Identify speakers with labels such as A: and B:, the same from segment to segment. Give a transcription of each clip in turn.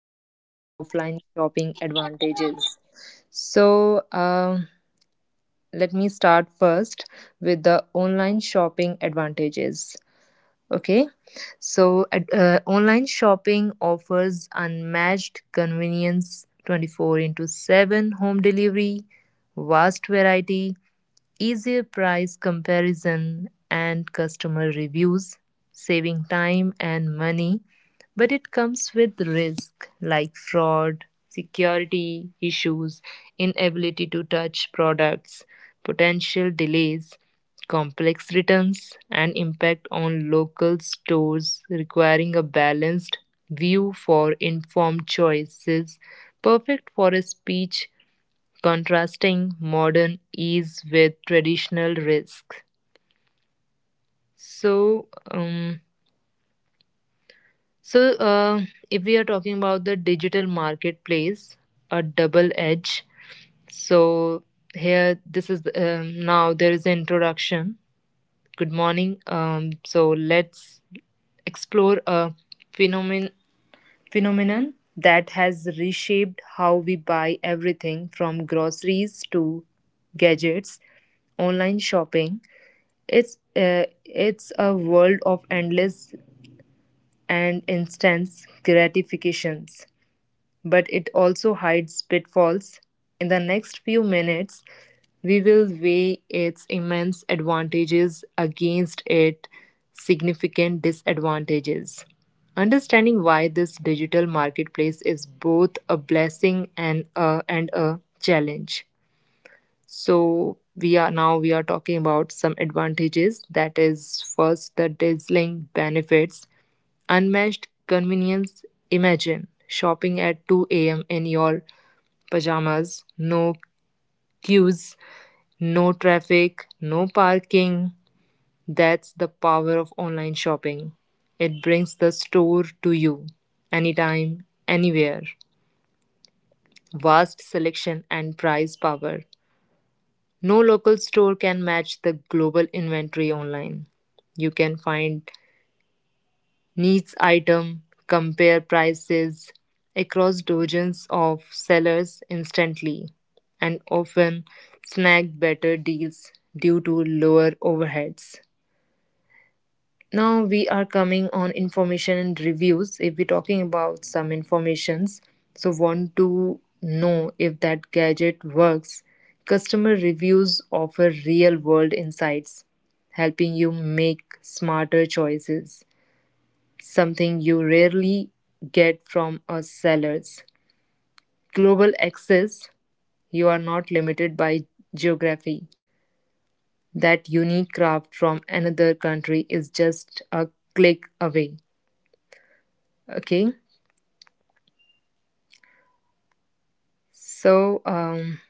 A: versus offline shopping advantages. So, um, let me start first with the online shopping advantages. Okay, so online shopping offers unmatched convenience, 24 into 7 home delivery, vast variety, easier price comparison and customer reviews, saving time and money, but it comes with risk like fraud, security issues, inability to touch products, potential delays, complex returns, and impact on local stores, requiring a balanced view for informed choices, perfect for a speech contrasting modern ease with traditional risk. So, um, So, uh, if we are talking about the digital marketplace, a double edge. So here, this is now there is an introduction. Good morning. So let's explore a phenomenon phenomenon that has reshaped how we buy everything from groceries to gadgets, online shopping. It's a world of endless and instant gratifications, but it also hides pitfalls. In the next few minutes, we will weigh its immense advantages against its significant disadvantages, understanding why this digital marketplace is both a blessing and a challenge. So we are talking about some advantages, that is first the dazzling benefits. Unmatched convenience: imagine shopping at 2 a.m. in your pajamas, no queues, no traffic, no parking. That's the power of online shopping. It brings the store to you anytime, anywhere. Vast selection and price power. No local store can match the global inventory online. You can find Needs item, compare prices across dozens of sellers instantly, and often snag better deals due to lower overheads. Now we are coming on information and reviews. If we're talking about some informations, so, want to know if that gadget works. Customer reviews offer real world insights, helping you make smarter choices, something you rarely get from a seller's. Global access: you are not limited by geography. That unique craft from another country is just a click away. Okay, so um,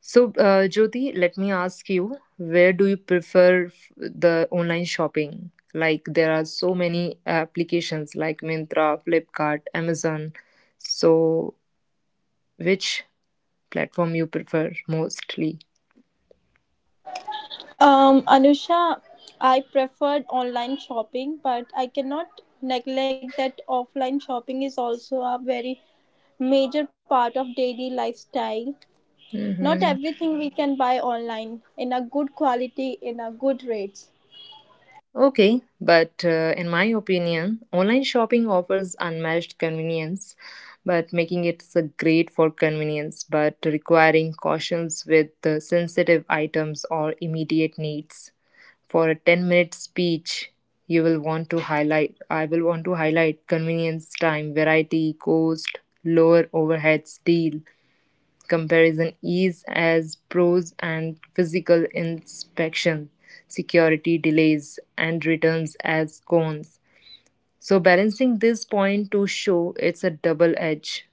A: Jyoti, let me ask you, where do you prefer the online shopping? Like, there are so many applications like Myntra, Flipkart, Amazon. So which platform you prefer mostly?
B: Anusha, I preferred online shopping, but I cannot neglect that offline shopping is also a very major part of daily lifestyle. Not
A: Mm-hmm.
B: everything we can buy online in a good quality, in a good rates.
A: Okay. But in my opinion, online shopping offers unmatched convenience, but making it so great for convenience, but requiring cautions with the sensitive items or immediate needs. For a 10-minute speech, you will want to highlight, I will want to highlight convenience, time, variety, cost, lower overheads, deal, comparison ease as pros, and physical inspection, security delays, and returns as cons. So, balancing this point to show it's a double edge.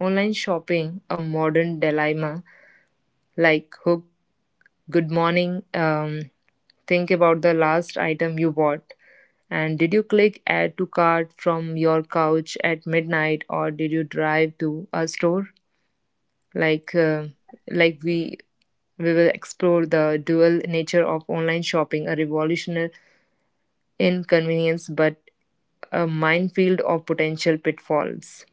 A: Online shopping, a modern dilemma, like hook, good morning, think about the last item you bought. And did you click add to cart from your couch at midnight, or did you drive to a store? like uh, like we will explore the dual nature of online shopping, a revolutionary inconvenience, but a minefield of potential pitfalls.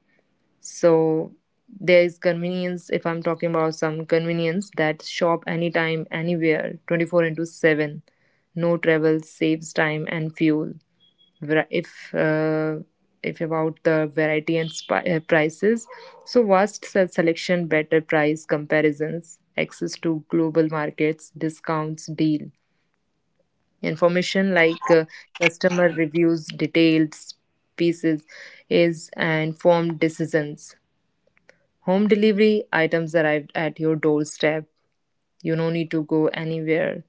A: So there is convenience. If I'm talking about some convenience, that shop anytime, anywhere, 24 into 7. No travel, saves time and fuel. Var- if uh, if about the variety and prices, so vast selection, better price comparisons, access to global markets, discounts, deal, information, customer reviews, detailed pieces is and informed decisions, home delivery, items arrived at your doorstep, you no need to go anywhere.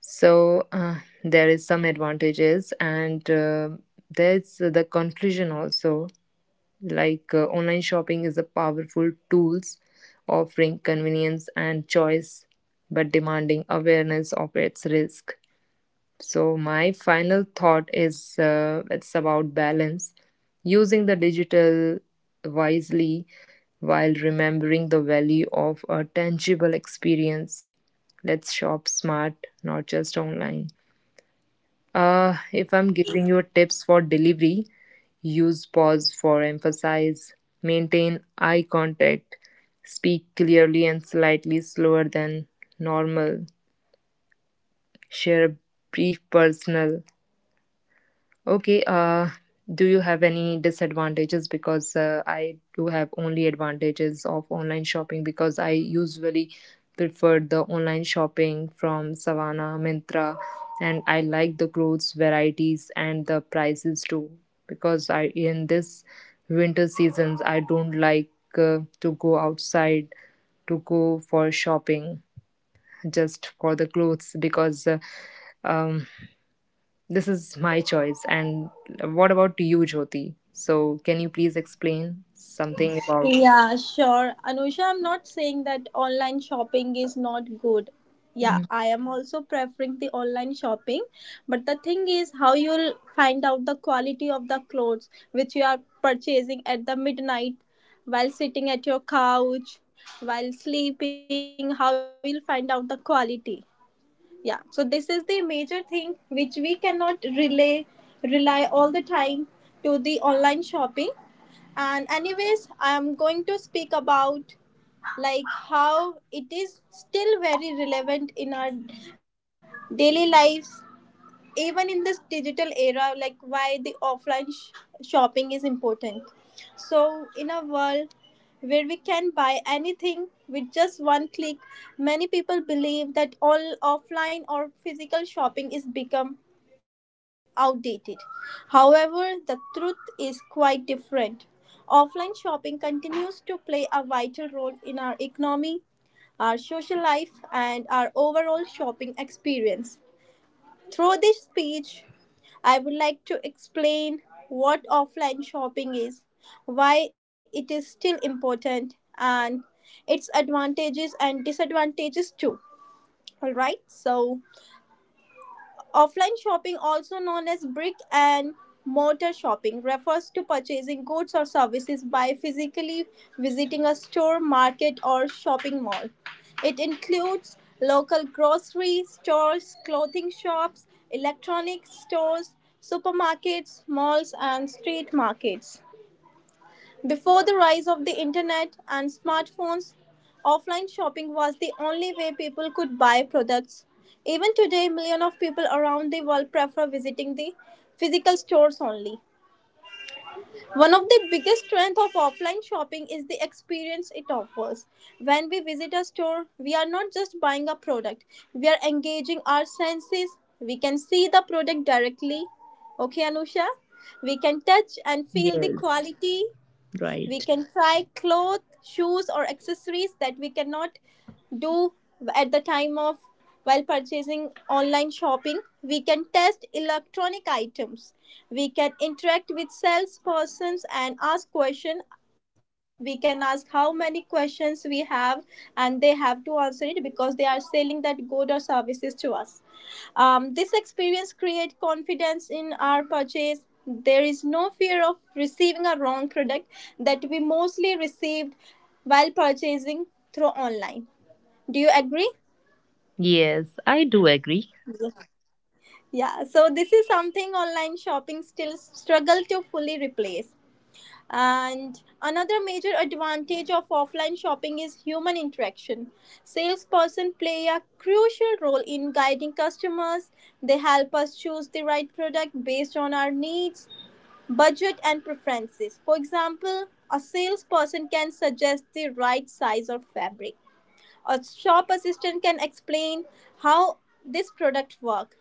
A: so uh, there is some advantages, and there's the conclusion also, online shopping is a powerful tools, offering convenience and choice, but demanding awareness of its risk. So my final thought is, it's about balance, using the digital wisely while remembering the value of a tangible experience. Let's shop smart, not just online. If I'm giving you tips for delivery, use pause for emphasis, maintain eye contact, speak clearly and slightly slower than normal, share a brief personal. Okay, do you have any disadvantages? Because I do have only advantages of online shopping, because I usually prefer the online shopping from Savannah, Mintra, and I like the clothes varieties and the prices too. Because I, in this winter seasons, I don't like to go outside, to go for shopping, just for the clothes, because um this is my choice. And what about you, Jyoti? So, can you please explain something about?
B: Yeah, sure. Anusha, I'm not saying that online shopping is not good. Yeah,
A: Mhm.
B: I am also preferring the online shopping. But the thing is, how you'll find out the quality of the clothes which you are purchasing at the midnight while sitting at your couch, while sleeping, how you'll find out the quality. Yeah, so this is the major thing which we cannot relay, rely all the time to the online shopping. And anyways, I'm going to speak about like how it is still very relevant in our daily lives even in this digital era, like why the shopping is important. So in a world where we can buy anything with just one click, many people believe that all offline or physical shopping is become outdated. However, the truth is quite different. Offline shopping continues to play a vital role in our economy, our social life, and our overall shopping experience. Through this speech, I would like to explain what offline shopping is, why it is still important, and its advantages and disadvantages too. All right, so offline shopping, also known as brick and mortar shopping, refers to purchasing goods or services by physically visiting a store, market, or shopping mall. It includes local grocery stores, clothing shops, electronics stores, supermarkets, malls, and street markets. Before the rise of the internet and smartphones, offline shopping was the only way people could buy products. Even today, millions of people around the world prefer visiting the physical stores only. One of the biggest strengths of offline shopping is the experience it offers. When we visit a store, we are not just buying a product, we are engaging our senses. We can see the product directly. Okay, Anusha? We can touch and feel the
A: Yes,
B: quality. We
A: right.
B: can try clothes, shoes, or accessories that we cannot do at the time of while purchasing online shopping. We can test electronic items. We can interact with salespersons and ask questions. We can ask how many questions we have, and they have to answer it because they are selling that good or services to us. This experience creates confidence in our purchase. There is no fear of receiving a wrong product that we mostly received while purchasing through online. Do you agree?
A: Yes, I do agree.
B: Yeah, so this is something online shopping still struggle to fully replace. And another major advantage of offline shopping is human interaction. Salesperson play a crucial role in guiding customers. They help us choose the right product based on our needs, budget, and preferences. For example, a salesperson can suggest the right size or fabric. A shop assistant can explain how this product works.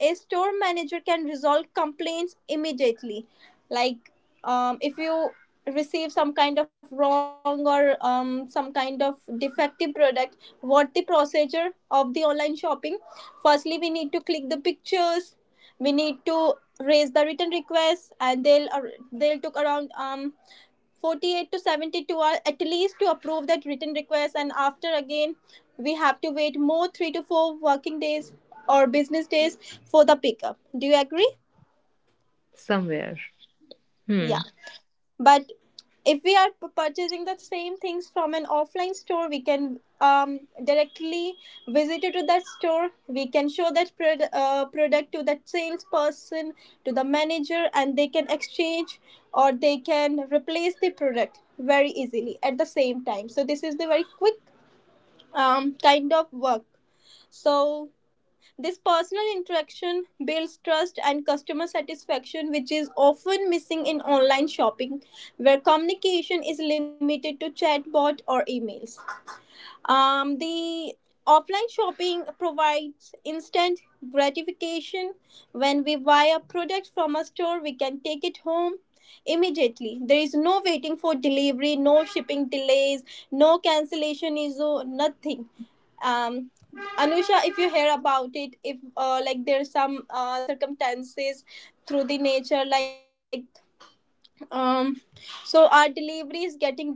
B: A store manager can resolve complaints immediately, like, if you receive some kind of wrong or some kind of defective product, what the procedure of the online shopping. Firstly, we need to click the pictures, we need to raise the return request, and they'll took around 48 to 72 hours at least to approve that written request, and after again we have to wait more 3 to 4 working days or business days for the pickup. Do you agree?
A: Somewhere? Hmm.
B: Yeah. But if we are purchasing the same things from an offline store, we can directly visit it to that store. We can show that product to that salesperson, to the manager, and they can exchange or they can replace the product very easily at the same time. So this is the very quick kind of work. So this personal interaction builds trust and customer satisfaction, which is often missing in online shopping, where communication is limited to chatbot or emails. The offline shopping provides instant gratification. When we buy a product from a store, we can take it home immediately. There is no waiting for delivery, no shipping delays, no cancellation issue, nothing. Um, Anusha, if you hear about it, if like there's some circumstances through the nature, like, um, so our delivery is getting delayed.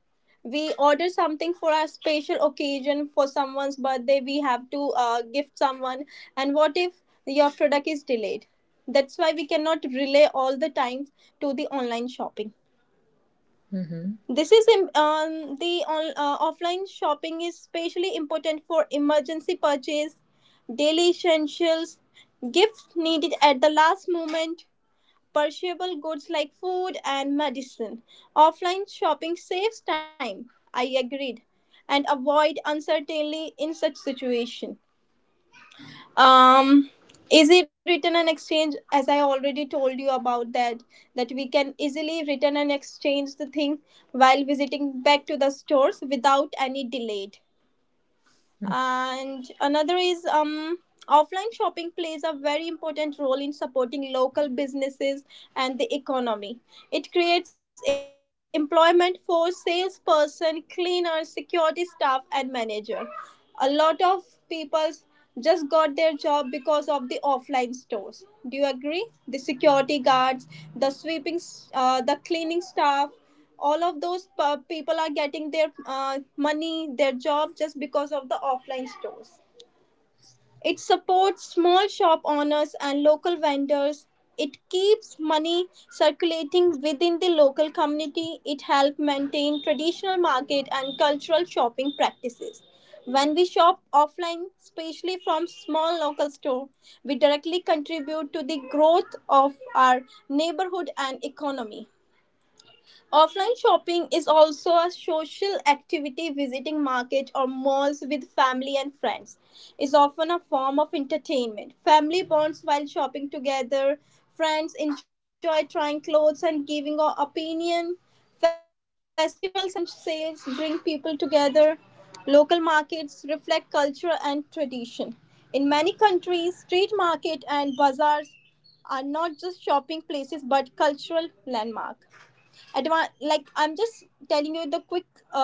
B: We order something for a special occasion, for someone's birthday we have to gift someone, and what if your product is delayed? That's why we cannot relay all the time to the online shopping.
A: Mm-hmm.
B: The offline shopping is especially important for emergency purchase, daily essentials, gifts needed at the last moment, perishable goods like food and medicine. Offline shopping saves time, I agreed, and avoid uncertainty in such situation. Um, Easy return and exchange, as I already told you about that, that we can easily return and exchange the thing while visiting back to the stores without any delay. And another is offline shopping plays a very important role in supporting local businesses and the economy. It creates employment for salesperson, cleaner, security staff, and manager. A lot of people just got their job because of the offline stores. Do you agree? The security guards, the the cleaning staff, all of those people are getting their money, their job just because of the offline stores. It supports small shop owners and local vendors. It keeps money circulating within the local community. It helps maintain traditional market and cultural shopping practices. When we shop offline, especially from small local store, we directly contribute to the growth of our neighborhood and economy. Offline shopping is also a social activity. Visiting markets or malls with family and friends is often a form of entertainment. Family bonds while shopping together. Friends enjoy trying clothes and giving our opinion. Festivals and sales bring people together. Local markets reflect culture and tradition. In many countries, street market and bazaars are not just shopping places but cultural landmark. Like I'm just telling you the quick um,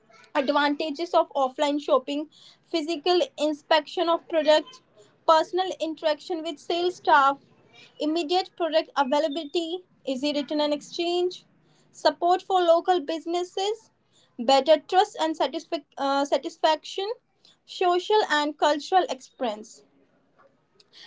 B: advantages of offline shopping: physical inspection of products, personal interaction with sales staff, immediate product availability, easy return and exchange, support for local businesses, better trust and satisfaction, social and cultural experience.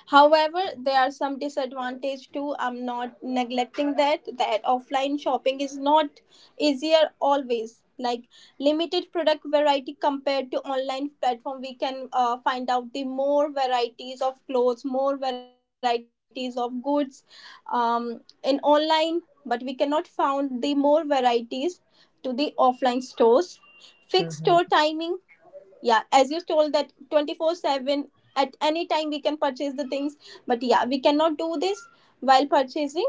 B: However, there are some disadvantage too. I'm not neglecting that that offline shopping is not easier always. Like limited product variety compared to online platform, we can find out the more varieties of clothes, more varieties of goods, in online. But we cannot found the more varieties to the offline stores. Fixed store
A: Mm-hmm.
B: timing, yeah, as you told that 24/7 at any time we can purchase the things, but yeah, we cannot do this while purchasing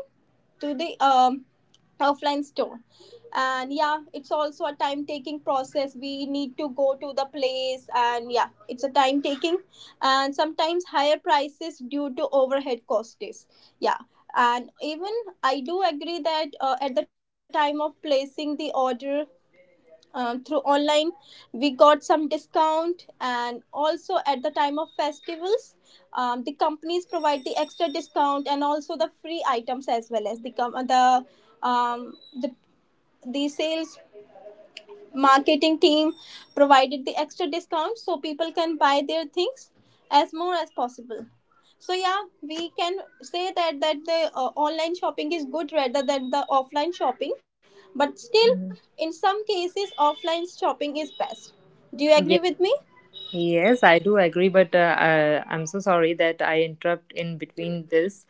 B: to the offline store. And yeah, it's also a time taking process, we need to go to the place, and yeah, it's a time taking. And sometimes higher prices due to overhead costs, yeah. And even I do agree that at the time of placing the order through online, we got some discount, and also at the time of festivals, the companies provide the extra discount and also the free items as well as the um, the sales marketing team provided the extra discount so people can buy their things as more as possible. So yeah, we can say that that the online shopping is good rather than the offline shopping, but still
A: Hmm.
B: in some cases offline shopping is best. Do you
A: Yeah.
B: agree with me?
A: Yes, I do agree, but I'm so sorry that I interrupt in between this.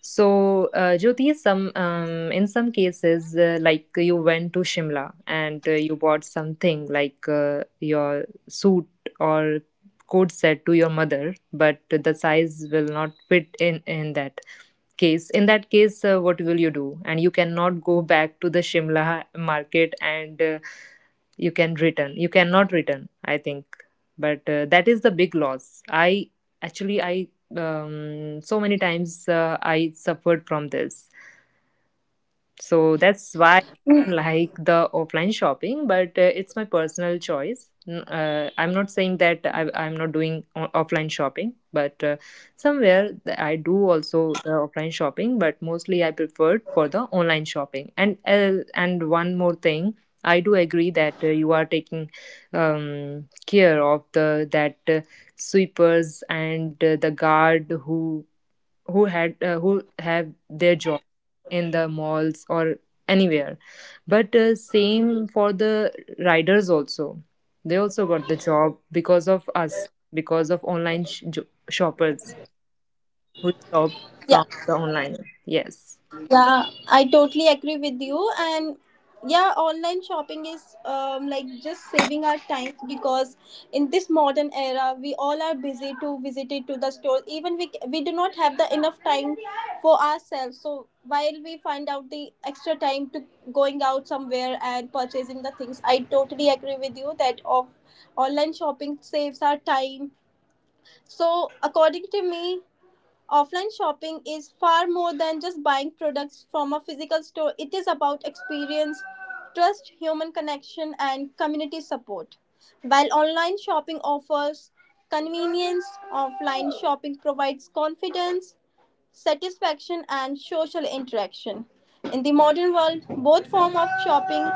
A: So, Jyoti, some in some cases, like you went to Shimla and you bought something like your suit or coat set to your mother, but the size will not fit in in that case, what will you do? And you cannot go back to the Shimla market, and you can return, you cannot return, I think. But that is the big loss. I actually I So many times I suffered from this, so that's why I don't like the offline shopping, but it's my personal choice. I'm not saying that I'm not doing offline shopping, but I do also the offline shopping, but mostly I prefer for the online shopping. And one more thing, I do agree that you are taking care of the that sweepers and the guard who have their job in the malls or anywhere. But same for the riders also, they also got the job because of us, because of online shoppers who shop
B: Yeah.
A: from the online. Yes.
B: Yeah, I totally agree with you. And yeah, online shopping is like just saving our time because in this modern era, we all are busy to visit it to the store. Even we do not have the enough time for ourselves. So while we find out the extra time to going out somewhere and purchasing the things, I totally agree with you that of online shopping saves our time. So according to me, offline shopping is far more than just buying products from a physical store. It is about experience, trust, human connection, and community support. While online shopping offers convenience, offline shopping provides confidence, satisfaction, and social interaction. In the modern world, both forms of shopping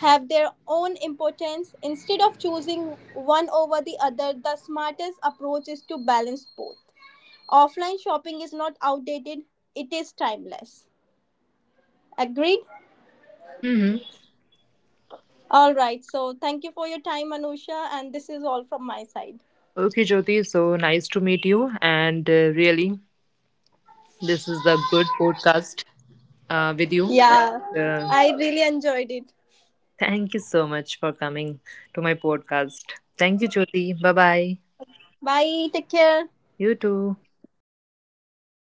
B: have their own importance. Instead of choosing one over the other, the smartest approach is to balance both. Offline shopping is not outdated, it is timeless. Agreed.
A: Hmm.
B: All right, so thank you for your time, Anusha, and this is all from my side.
A: Okay, Jyoti. So nice to meet you. And really, this is a good podcast with you.
B: Yeah,
A: Uh,
B: I really enjoyed it.
A: Thank you so much for coming to my podcast. Thank you, Jyoti. Bye bye.
B: Bye, take care.
A: You too.